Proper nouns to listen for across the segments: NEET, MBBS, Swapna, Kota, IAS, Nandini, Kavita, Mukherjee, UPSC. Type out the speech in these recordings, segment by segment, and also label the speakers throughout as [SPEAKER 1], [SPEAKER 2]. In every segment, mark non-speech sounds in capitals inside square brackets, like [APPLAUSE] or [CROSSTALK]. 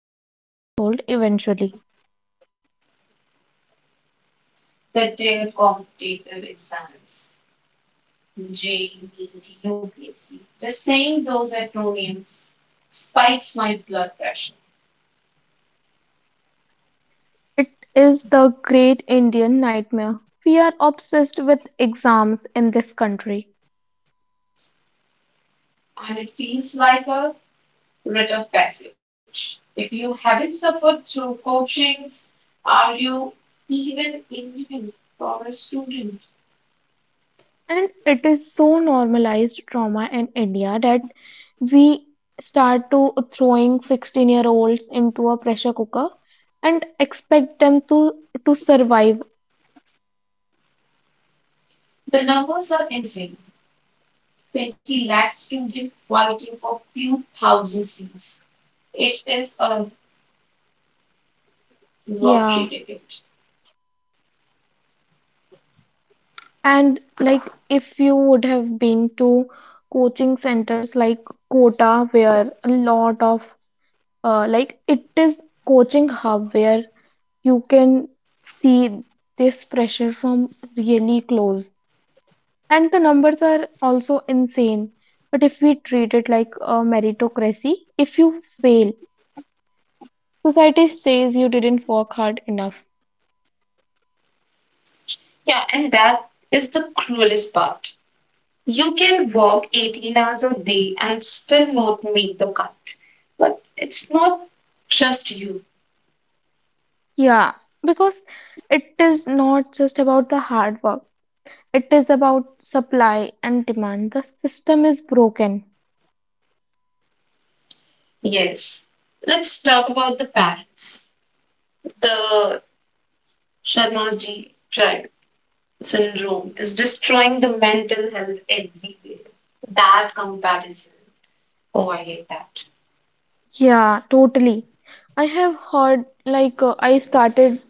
[SPEAKER 1] Indian household eventually.
[SPEAKER 2] The day competitive exams, J, NEET, UPSC. Just saying those acronyms spikes my blood pressure,
[SPEAKER 1] It is the great Indian nightmare. We are obsessed with exams in this country,
[SPEAKER 2] and it feels like a rite of passage. If you haven't suffered through coachings, are you even Indian for a student?
[SPEAKER 1] and it is so normalized trauma in India that we start to throwing 16-year-olds into a pressure cooker and expect them to survive.
[SPEAKER 2] The numbers are insane. 20 lakh students fighting for few thousand seats. It is a lottery
[SPEAKER 1] Yeah.
[SPEAKER 2] ticket.
[SPEAKER 1] And like if you would have been to coaching centers like Kota, where a lot of like it is coaching hub where you can see this pressure from really close. And the numbers are also insane. But if we treat it like a meritocracy, if you fail, society says you didn't work hard enough.
[SPEAKER 2] Yeah, and that is the cruelest part. You can work 18 hours a day and still not make the cut. But it's not just you.
[SPEAKER 1] Yeah, because it is not just about the hard work. It is about supply and demand. The system is broken.
[SPEAKER 2] Yes. Let's talk about the parents. The Sharma's G child syndrome is destroying the mental health everywhere. That comparison. Oh, I hate that.
[SPEAKER 1] Yeah, totally. I have heard, like, I started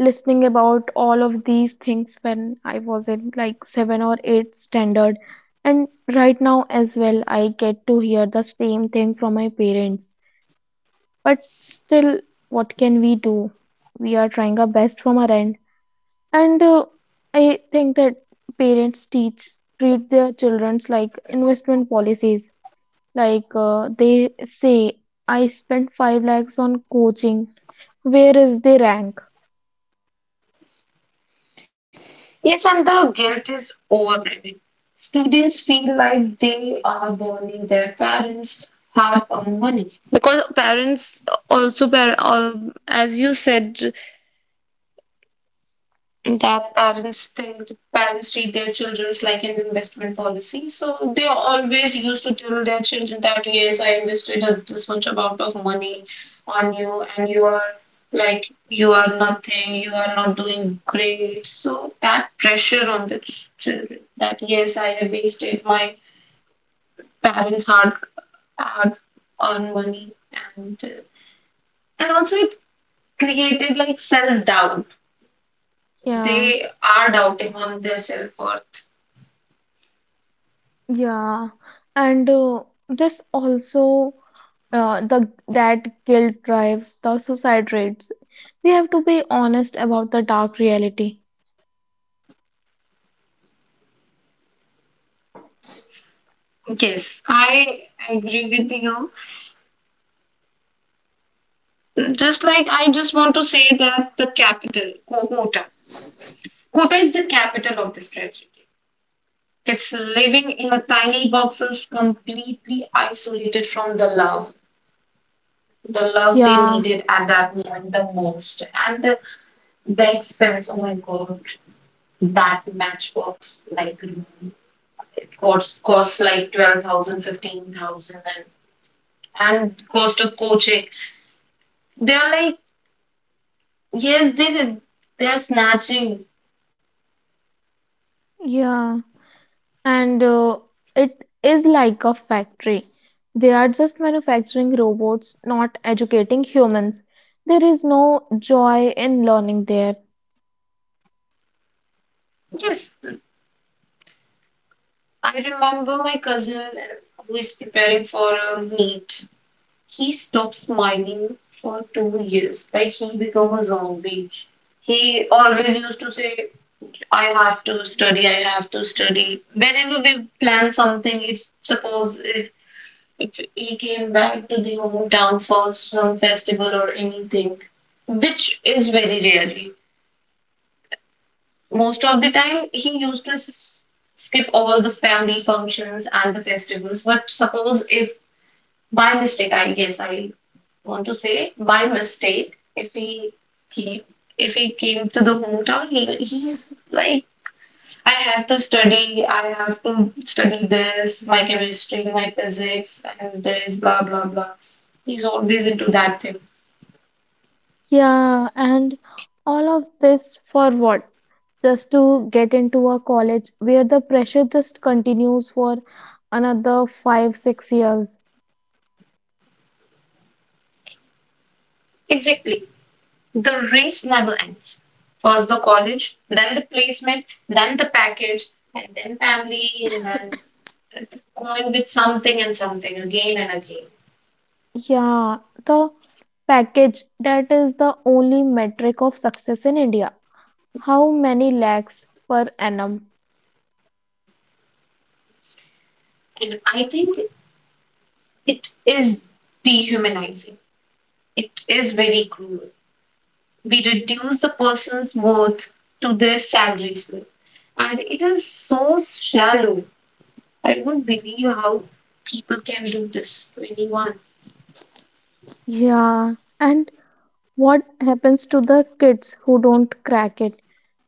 [SPEAKER 1] listening about all of these things when I was in like seven or eight standard. And right now as well, I get to hear the same thing from my parents. But still, what can we do? We are trying our best from our end. And I think that parents teach treat their childrens like investment policies. Like they say, I spent 5 lakhs on coaching. Where is the rank?
[SPEAKER 2] Yes, and the guilt is overwhelming. Students feel like they are burning their parents' hard-earned money, because parents also, as you said, that parents think parents treat their children's like an investment policy, so they always used to tell their children that, yes, I invested this much amount of money on you, and you are like you are nothing, you are not doing great. So that pressure on the children that, yes, I have wasted my parents hard earned money, and uh, and also it created like self doubt.
[SPEAKER 1] Yeah,
[SPEAKER 2] They are doubting on their self worth.
[SPEAKER 1] yeah. And this also the that guilt drives the suicide rates. We have to be honest about the dark reality.
[SPEAKER 2] Yes, I agree with you. Just like I just want to say that the capital, Kota is the capital of this tragedy. It's living in a tiny boxes, completely isolated from the love they
[SPEAKER 1] Yeah,
[SPEAKER 2] needed at that moment the most, and the expense. Oh my God, that matchbox like room, it costs like 12,000, 15,000, and cost of coaching. They're like Yes, they are snatching.
[SPEAKER 1] yeah. And It is like a factory. They are just manufacturing robots, not educating humans. There is no joy in learning there.
[SPEAKER 2] Yes, I remember my cousin who is preparing for a meet. He stopped smiling for 2 years. Like he became a zombie. He always used to say, "I have to study. I have to study." Whenever we plan something, if suppose if he came back to the hometown for some festival or anything, which is very rare. Most of the time, he used to skip all the family functions and the festivals. But suppose if by mistake, I guess I want to say by mistake, came, if he came to the hometown, he's like, I have to study, I have to study this, my chemistry, my physics, and this, blah blah blah. He's always into that thing.
[SPEAKER 1] Yeah, and all of this for what? Just to get into a college where the pressure just continues for another 5, 6 years.
[SPEAKER 2] Exactly. The race never ends. First the college, then the placement, then the package, and then family, and then it's going with something and something again and again.
[SPEAKER 1] Yeah, the package that is the only metric of success in India. How many lakhs per annum?
[SPEAKER 2] And I think it is dehumanizing. It is very cruel. We reduce the person's worth to their salary slip. And it is so shallow. I don't believe how people can do this to anyone.
[SPEAKER 1] Yeah, and what happens to the kids who don't crack it?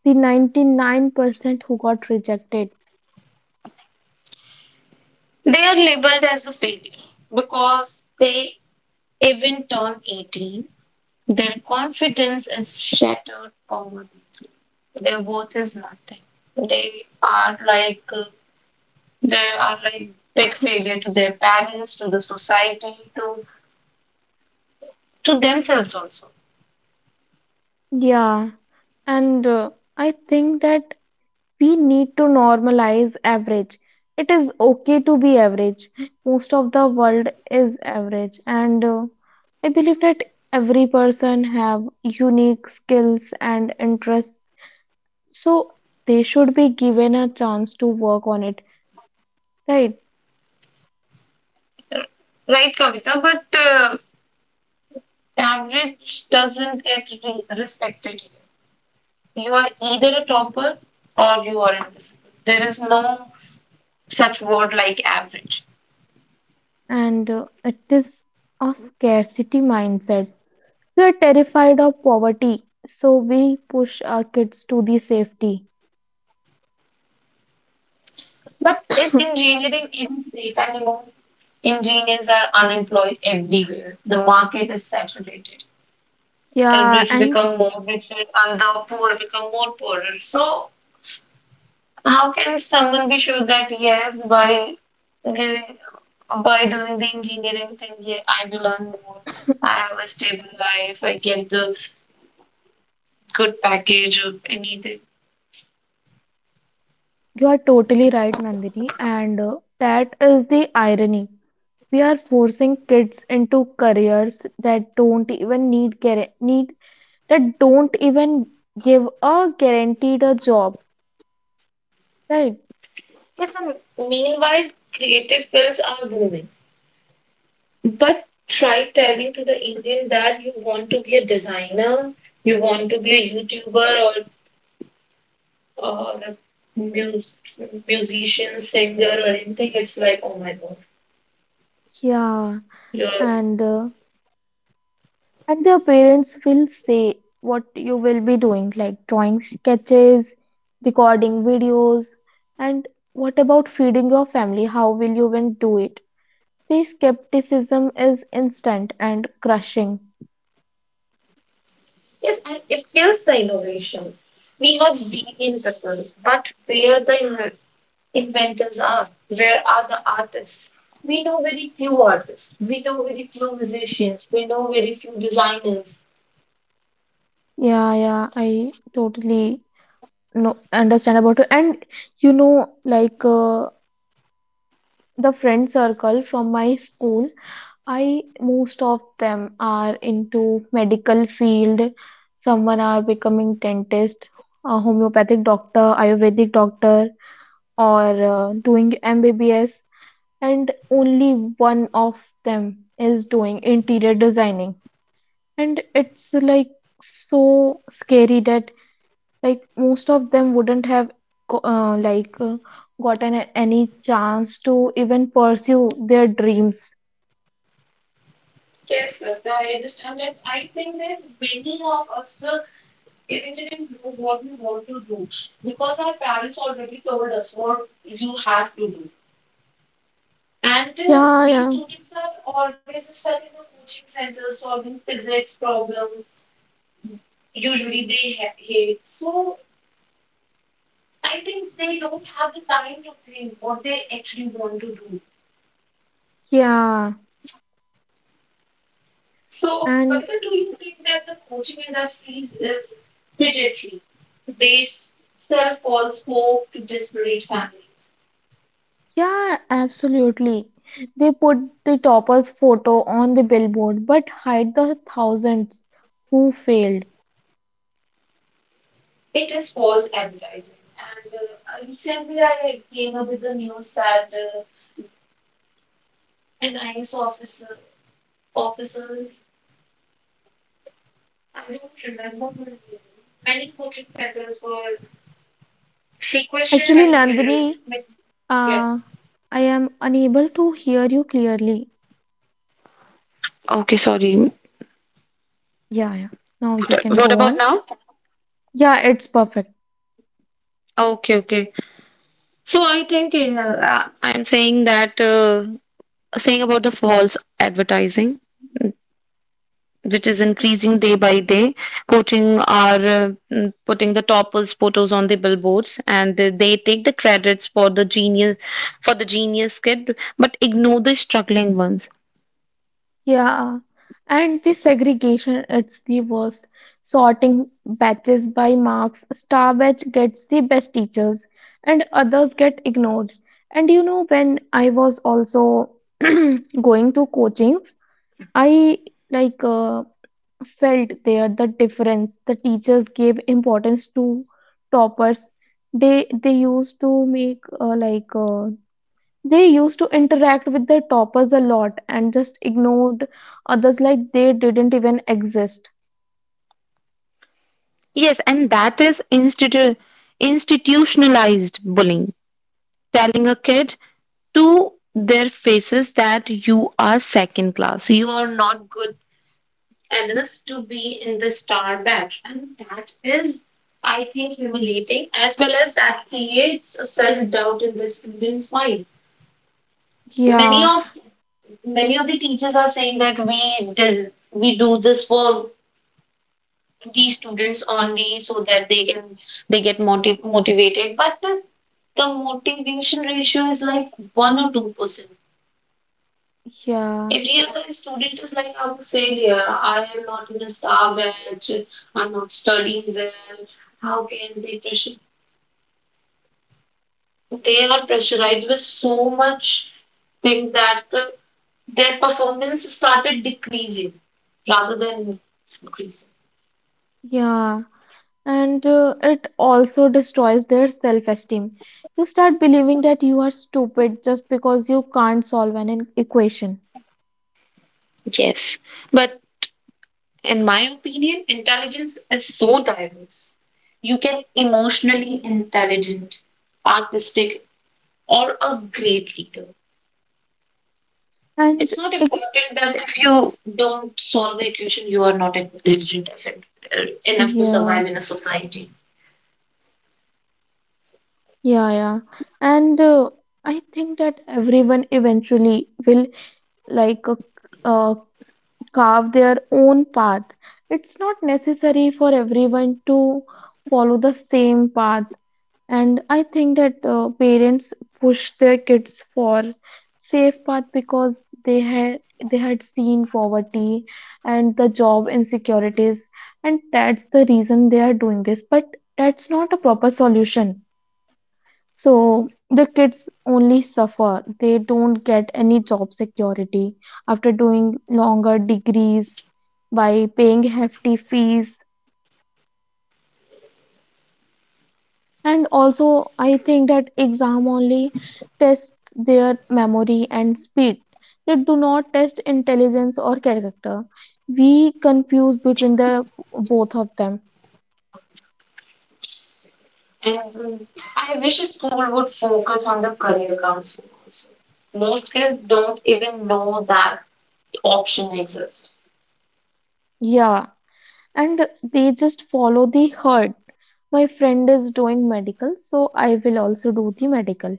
[SPEAKER 1] The 99% who got rejected.
[SPEAKER 2] They are labeled as a failure, because they even turn 18, their confidence is shattered poverty. Their worth is nothing. They are like big failure to their parents, to the society, to themselves also.
[SPEAKER 1] Yeah, and I think that. We need to normalize average. It is okay to be average. Most of the world is average, and I believe that every person have unique skills and interests. So they should be given a chance to work on it, right?
[SPEAKER 2] Right, Kavita? But average doesn't get respected here. You are either a topper or you are invisible. There is no such word like average.
[SPEAKER 1] And It is a scarcity mindset. We are terrified of poverty, so we push our kids to the safety.
[SPEAKER 2] But is
[SPEAKER 1] [COUGHS]
[SPEAKER 2] engineering even safe anymore? Engineers are unemployed everywhere. The market is saturated. The
[SPEAKER 1] Yeah,
[SPEAKER 2] rich
[SPEAKER 1] and
[SPEAKER 2] become more richer and the poor become more poorer. So how can someone be sure that, yes, giving- by doing the engineering thing, yeah, I will earn more.
[SPEAKER 1] [COUGHS]
[SPEAKER 2] I have a stable life. I get the good package or anything.
[SPEAKER 1] You are totally right, Nandini, and that is the irony. We are forcing kids into careers that don't even need guar- need that don't even give a guaranteed a job, right?
[SPEAKER 2] Yes, and meanwhile, creative fields are booming. But try telling to the Indian that you want to be a designer, you want to be a YouTuber, or a mus- musician, singer, or anything. It's like, oh my God,
[SPEAKER 1] Yeah,
[SPEAKER 2] you're
[SPEAKER 1] and uh, and their parents will say what you will be doing, like drawing sketches, recording videos, and what about feeding your family? How will you even do it? The skepticism is instant and crushing.
[SPEAKER 2] yes, and it kills the innovation. We have brilliant people, but where the inventors are, where are the artists? We know very few artists, we know very few musicians, we know very few designers.
[SPEAKER 1] Yeah, yeah, I totally know understand about it. And you know, like uh, the friend circle from my school, I most of them are into medical field. Someone are becoming dentist, a homeopathic doctor, Ayurvedic doctor, or doing MBBS. And only one of them is doing interior designing. And it's like so scary that like most of them wouldn't have go- uh, like uh, gotten any chance to even pursue their dreams.
[SPEAKER 2] Yes, Swapna, I understand that. I think that many of us were irritated and know what we want to do, because our parents already told us what you have to do. And
[SPEAKER 1] Yeah,
[SPEAKER 2] these
[SPEAKER 1] yeah.
[SPEAKER 2] students are always stuck in the coaching center solving physics problems. Usually they hate. So I think they don't have the time to think what they actually want to do.
[SPEAKER 1] Yeah,
[SPEAKER 2] So,
[SPEAKER 1] and
[SPEAKER 2] Kavita, do you think that the coaching industry is predatory? They sell false hope to desperate families.
[SPEAKER 1] yeah, absolutely. They put the topper's photo on the billboard, but hide the thousands who failed.
[SPEAKER 2] It is false advertising. And recently, I came up with the news that an IAS officer, officers, I don't remember her name, many coaching centers were requested,
[SPEAKER 1] Actually,
[SPEAKER 2] many,
[SPEAKER 1] Nandini,
[SPEAKER 2] many, yeah.
[SPEAKER 1] uh, I am unable to hear you clearly.
[SPEAKER 2] Okay, sorry.
[SPEAKER 1] Yeah, yeah. Now you can
[SPEAKER 2] What
[SPEAKER 1] go
[SPEAKER 2] about
[SPEAKER 1] on.
[SPEAKER 2] now?
[SPEAKER 1] Yeah, it's perfect.
[SPEAKER 2] Okay, okay. So I think I'm saying that. Saying about the false advertising, which is increasing day by day. Coaching are putting the toppers photos on the billboards, and they take the credits for the genius kid, but ignore the struggling ones.
[SPEAKER 1] Yeah. And the segregation, it's the worst. Sorting batches by marks, star batch gets the best teachers, and others get ignored. And you know, when I was also [CLEARS THROAT] going to coachings, I like uh, felt there the difference. The teachers gave importance to toppers. They used to make They used to interact with their toppers a lot and just ignored others like they didn't even exist.
[SPEAKER 2] Yes, and that is institutionalized bullying, telling a kid to their faces that you are second class, you are not good others to be in the star batch. And that is, I think, humiliating, as well as that creates a self doubt in the student's mind. Many
[SPEAKER 1] Yeah,
[SPEAKER 2] of many of the teachers are saying that we do this for these students only so that they get motivated, but the motivation ratio is like 1 or 2%.
[SPEAKER 1] yeah,
[SPEAKER 2] Every other student is like, I'm a failure. I am not in a star batch. I'm not studying well. How can they pressure? They are pressurized with so much thing that their performance started decreasing rather than increasing.
[SPEAKER 1] yeah. And It also destroys their self esteem. You start believing that you are stupid just because you can't solve an equation.
[SPEAKER 2] Yes. But in my opinion, intelligence is so diverse. You can emotionally intelligent, artistic, or a great leader.
[SPEAKER 1] And
[SPEAKER 2] It's not
[SPEAKER 1] ex
[SPEAKER 2] important that if you don't solve the equation, you are not intelligent enough to
[SPEAKER 1] yeah,
[SPEAKER 2] survive in a society.
[SPEAKER 1] yeah, Yeah. And I think that everyone eventually will like uh, uh, carve their own path. It's not necessary for everyone to follow the same path. And I think that parents push their kids for safe path because they had seen poverty and the job insecurities, and that's the reason they are doing this. But that's not a proper solution so the kids only suffer. They don't get any job security after doing longer degrees by paying hefty fees. And also, I think that exam only tests their memory and speed. They do not test intelligence or character. We confuse between the both of them.
[SPEAKER 2] And I wish a school would focus on the career counseling also. Most kids don't even know that option exists.
[SPEAKER 1] Yeah, and they just follow the herd. My friend is doing medical, so I will also do the medical.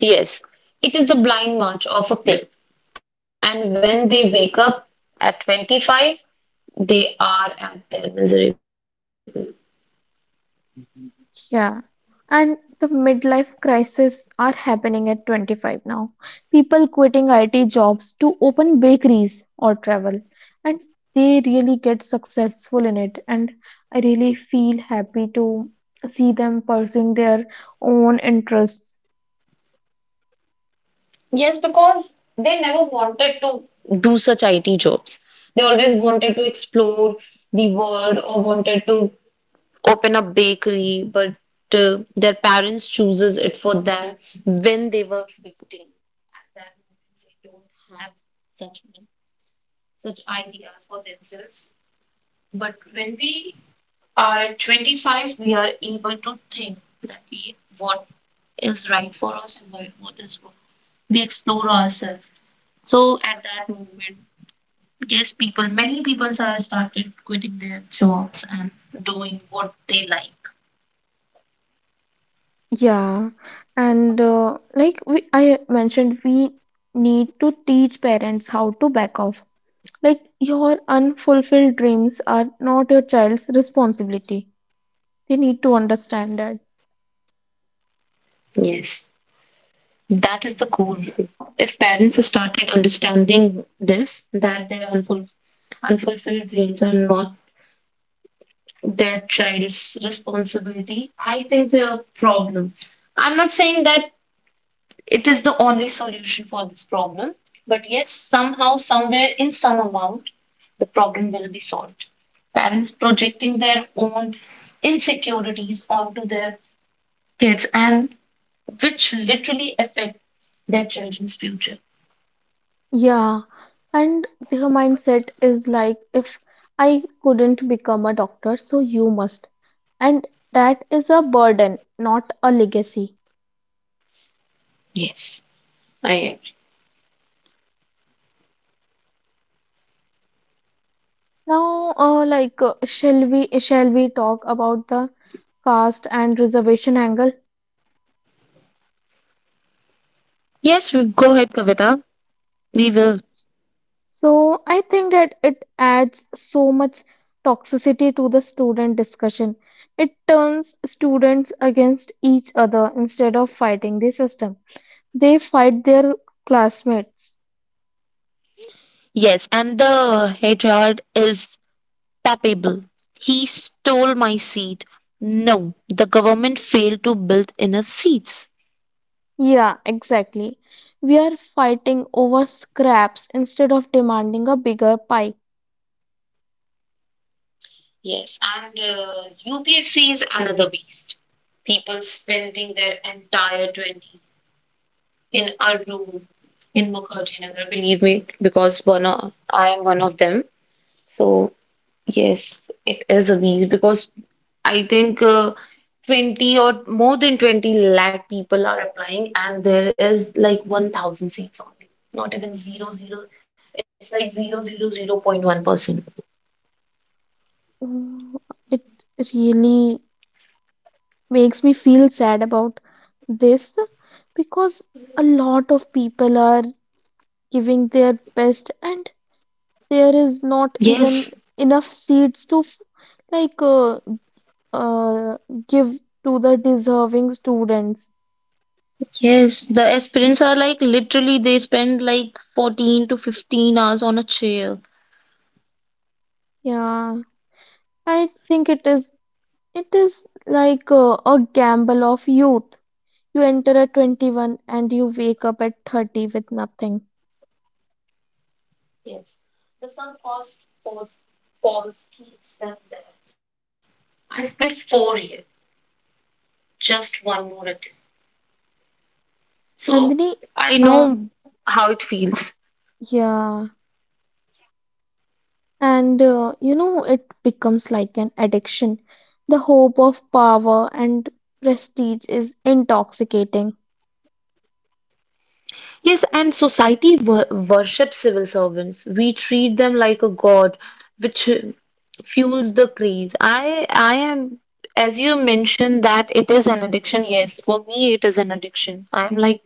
[SPEAKER 2] Yes, it is the blind march of a cliff. And when they wake up at 25, they are at their miserable.
[SPEAKER 1] Yeah, and the midlife crisis are happening at 25 now. People quitting IT jobs to open bakeries or travel, and they really get successful in it. And I really feel happy to see them pursuing their own interests.
[SPEAKER 2] Yes, because they never wanted to do such IT jobs. They always wanted to explore the world or wanted to open a bakery, but their parents chooses it for them when they were 15. At that moment, they don't have such such ideas for themselves. But when we are at 25, we are able to think that what is right for us and what is wrong. We explore ourselves, so at that moment, yes, many people are started quitting their jobs and doing what they like.
[SPEAKER 1] Yeah, I mentioned, we need to teach parents how to back off. Like your unfulfilled dreams are not your child's responsibility. They need to understand that.
[SPEAKER 2] Yes, that is the goal. If parents started understanding this, that their unfulfilled dreams are not their child's responsibility, I think their problem. I'm not saying that. It is the only solution for this problem. But yes, somehow, somewhere, in some amount, the problem will be solved. Parents projecting their own insecurities onto their kids, and which literally affect their children's future.
[SPEAKER 1] Yeah. And their mindset is like, if I couldn't become a doctor, so you must. And that is a burden, not a legacy.
[SPEAKER 2] Yes, I agree.
[SPEAKER 1] Now, shall we talk about the caste and reservation angle?
[SPEAKER 2] Yes, go ahead, Kavita. We will.
[SPEAKER 1] So I think that it adds so much toxicity to the student discussion. It turns students against each other instead of fighting the system. They fight their classmates.
[SPEAKER 2] Yes, and the hatred is palpable. He stole my seat. No, the government failed to build enough seats.
[SPEAKER 1] Yeah, exactly. We are fighting over scraps instead of demanding a bigger pie.
[SPEAKER 2] Yes, and UPSC is another beast. People spending their entire 20 in a room in Mukherjee, believe me, because I am one of them. So, yes, it is a beast, because I think 20 or more than 20 lakh people are applying, and there is like 1,000 seats only, not even zero zero. It's like zero zero zero point 1%.
[SPEAKER 1] Oh, it really makes me feel sad about this because a lot of people are giving their best and there is not even
[SPEAKER 2] Yes.
[SPEAKER 1] enough seats to like uh, uh, give to the deserving students.
[SPEAKER 2] Yes, the aspirants are like literally they spend like 14 to 15 hours on a chair.
[SPEAKER 1] Yeah, I think It is like a gamble of youth. You enter at 21 and you wake up at 30 with nothing.
[SPEAKER 2] Yes, the sunk cost pause falls keeps them there. I spent 4 years, just one more attempt. So
[SPEAKER 1] Nandini,
[SPEAKER 2] I know
[SPEAKER 1] uh,
[SPEAKER 2] how it feels.
[SPEAKER 1] yeah. And You know, it becomes like an addiction. The hope of power and prestige is intoxicating.
[SPEAKER 2] Yes, and society worships civil servants. We treat them like a god, which fuels the craze. I am, as you mentioned, that it is an addiction. Yes, for me, it is an addiction. I'm like,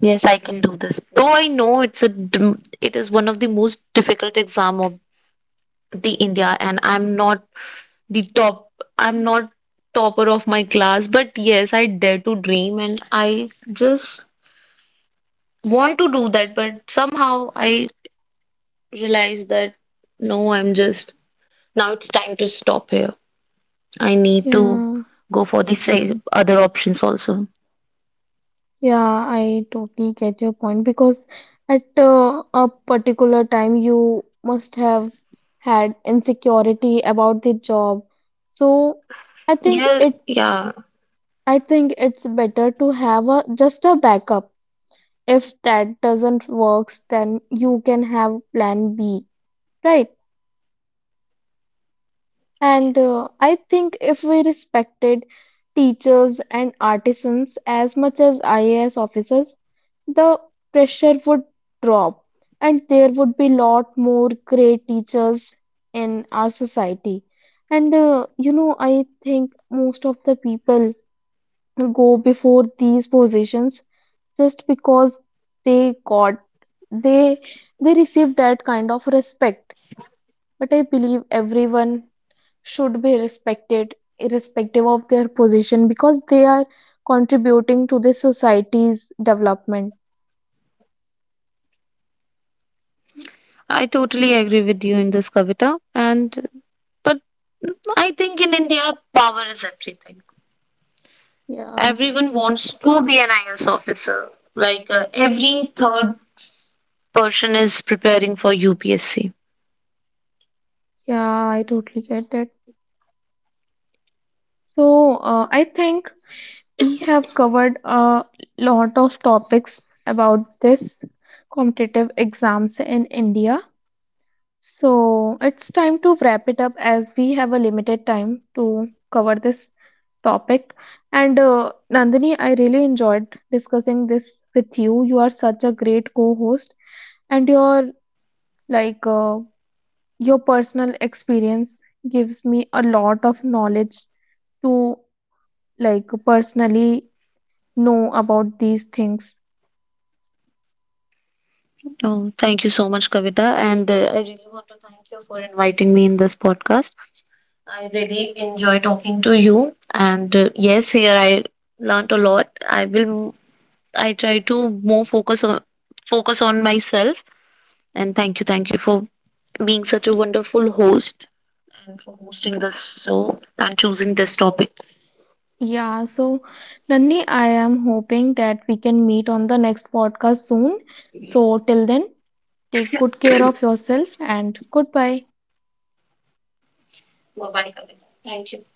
[SPEAKER 2] yes, I can do this. Though I know it is one of the most difficult exam of the India, and I'm not the top. I'm not topper of my class, but yes, I dare to dream, and I just want to do that, but somehow I realized that, no, I'm just now it's time to stop here. I need to
[SPEAKER 1] Yeah.
[SPEAKER 2] go for the other options also.
[SPEAKER 1] Yeah, I totally get your point because at a particular time you must have had insecurity about the job. So I think
[SPEAKER 2] Yeah,
[SPEAKER 1] it's
[SPEAKER 2] yeah,
[SPEAKER 1] I think it's better to have a just a backup. If that doesn't works, then you can have plan B, right?
[SPEAKER 2] yes.
[SPEAKER 1] And I think if we respected teachers and artisans as much as IAS officers, the pressure would drop and there would be lot more great teachers in our society and you know I think most of the people go before these positions just because they got they they received that kind of respect but I believe everyone should be respected irrespective of their position because they are contributing to the society's development.
[SPEAKER 2] I totally agree with you in this, Kavita, and but I think in India, power is everything.
[SPEAKER 1] Yeah.
[SPEAKER 2] Everyone wants to be an IAS officer. Like every third person is preparing for UPSC.
[SPEAKER 1] Yeah, I totally get that. So, I think we have covered a lot of topics about this competitive exams in India. So, it's time to wrap it up as we have a limited time to cover this topic. And Nandini, I really enjoyed discussing this with you. You are such a great co-host, and your like uh, your personal experience gives me a lot of knowledge to like personally know about these things.
[SPEAKER 2] Oh, thank you so much, Kavita. And I really want to thank you for inviting me in this podcast. I really enjoy talking to you. And yes, here I learnt a lot. I try to more focus on myself. And thank you for being such a wonderful host and for hosting this show and choosing this topic.
[SPEAKER 1] Yeah, so Nandini, I am hoping that we can meet on the next podcast soon. So till then, take good care of yourself and goodbye.
[SPEAKER 2] Bye-bye, Kavita. Thank you.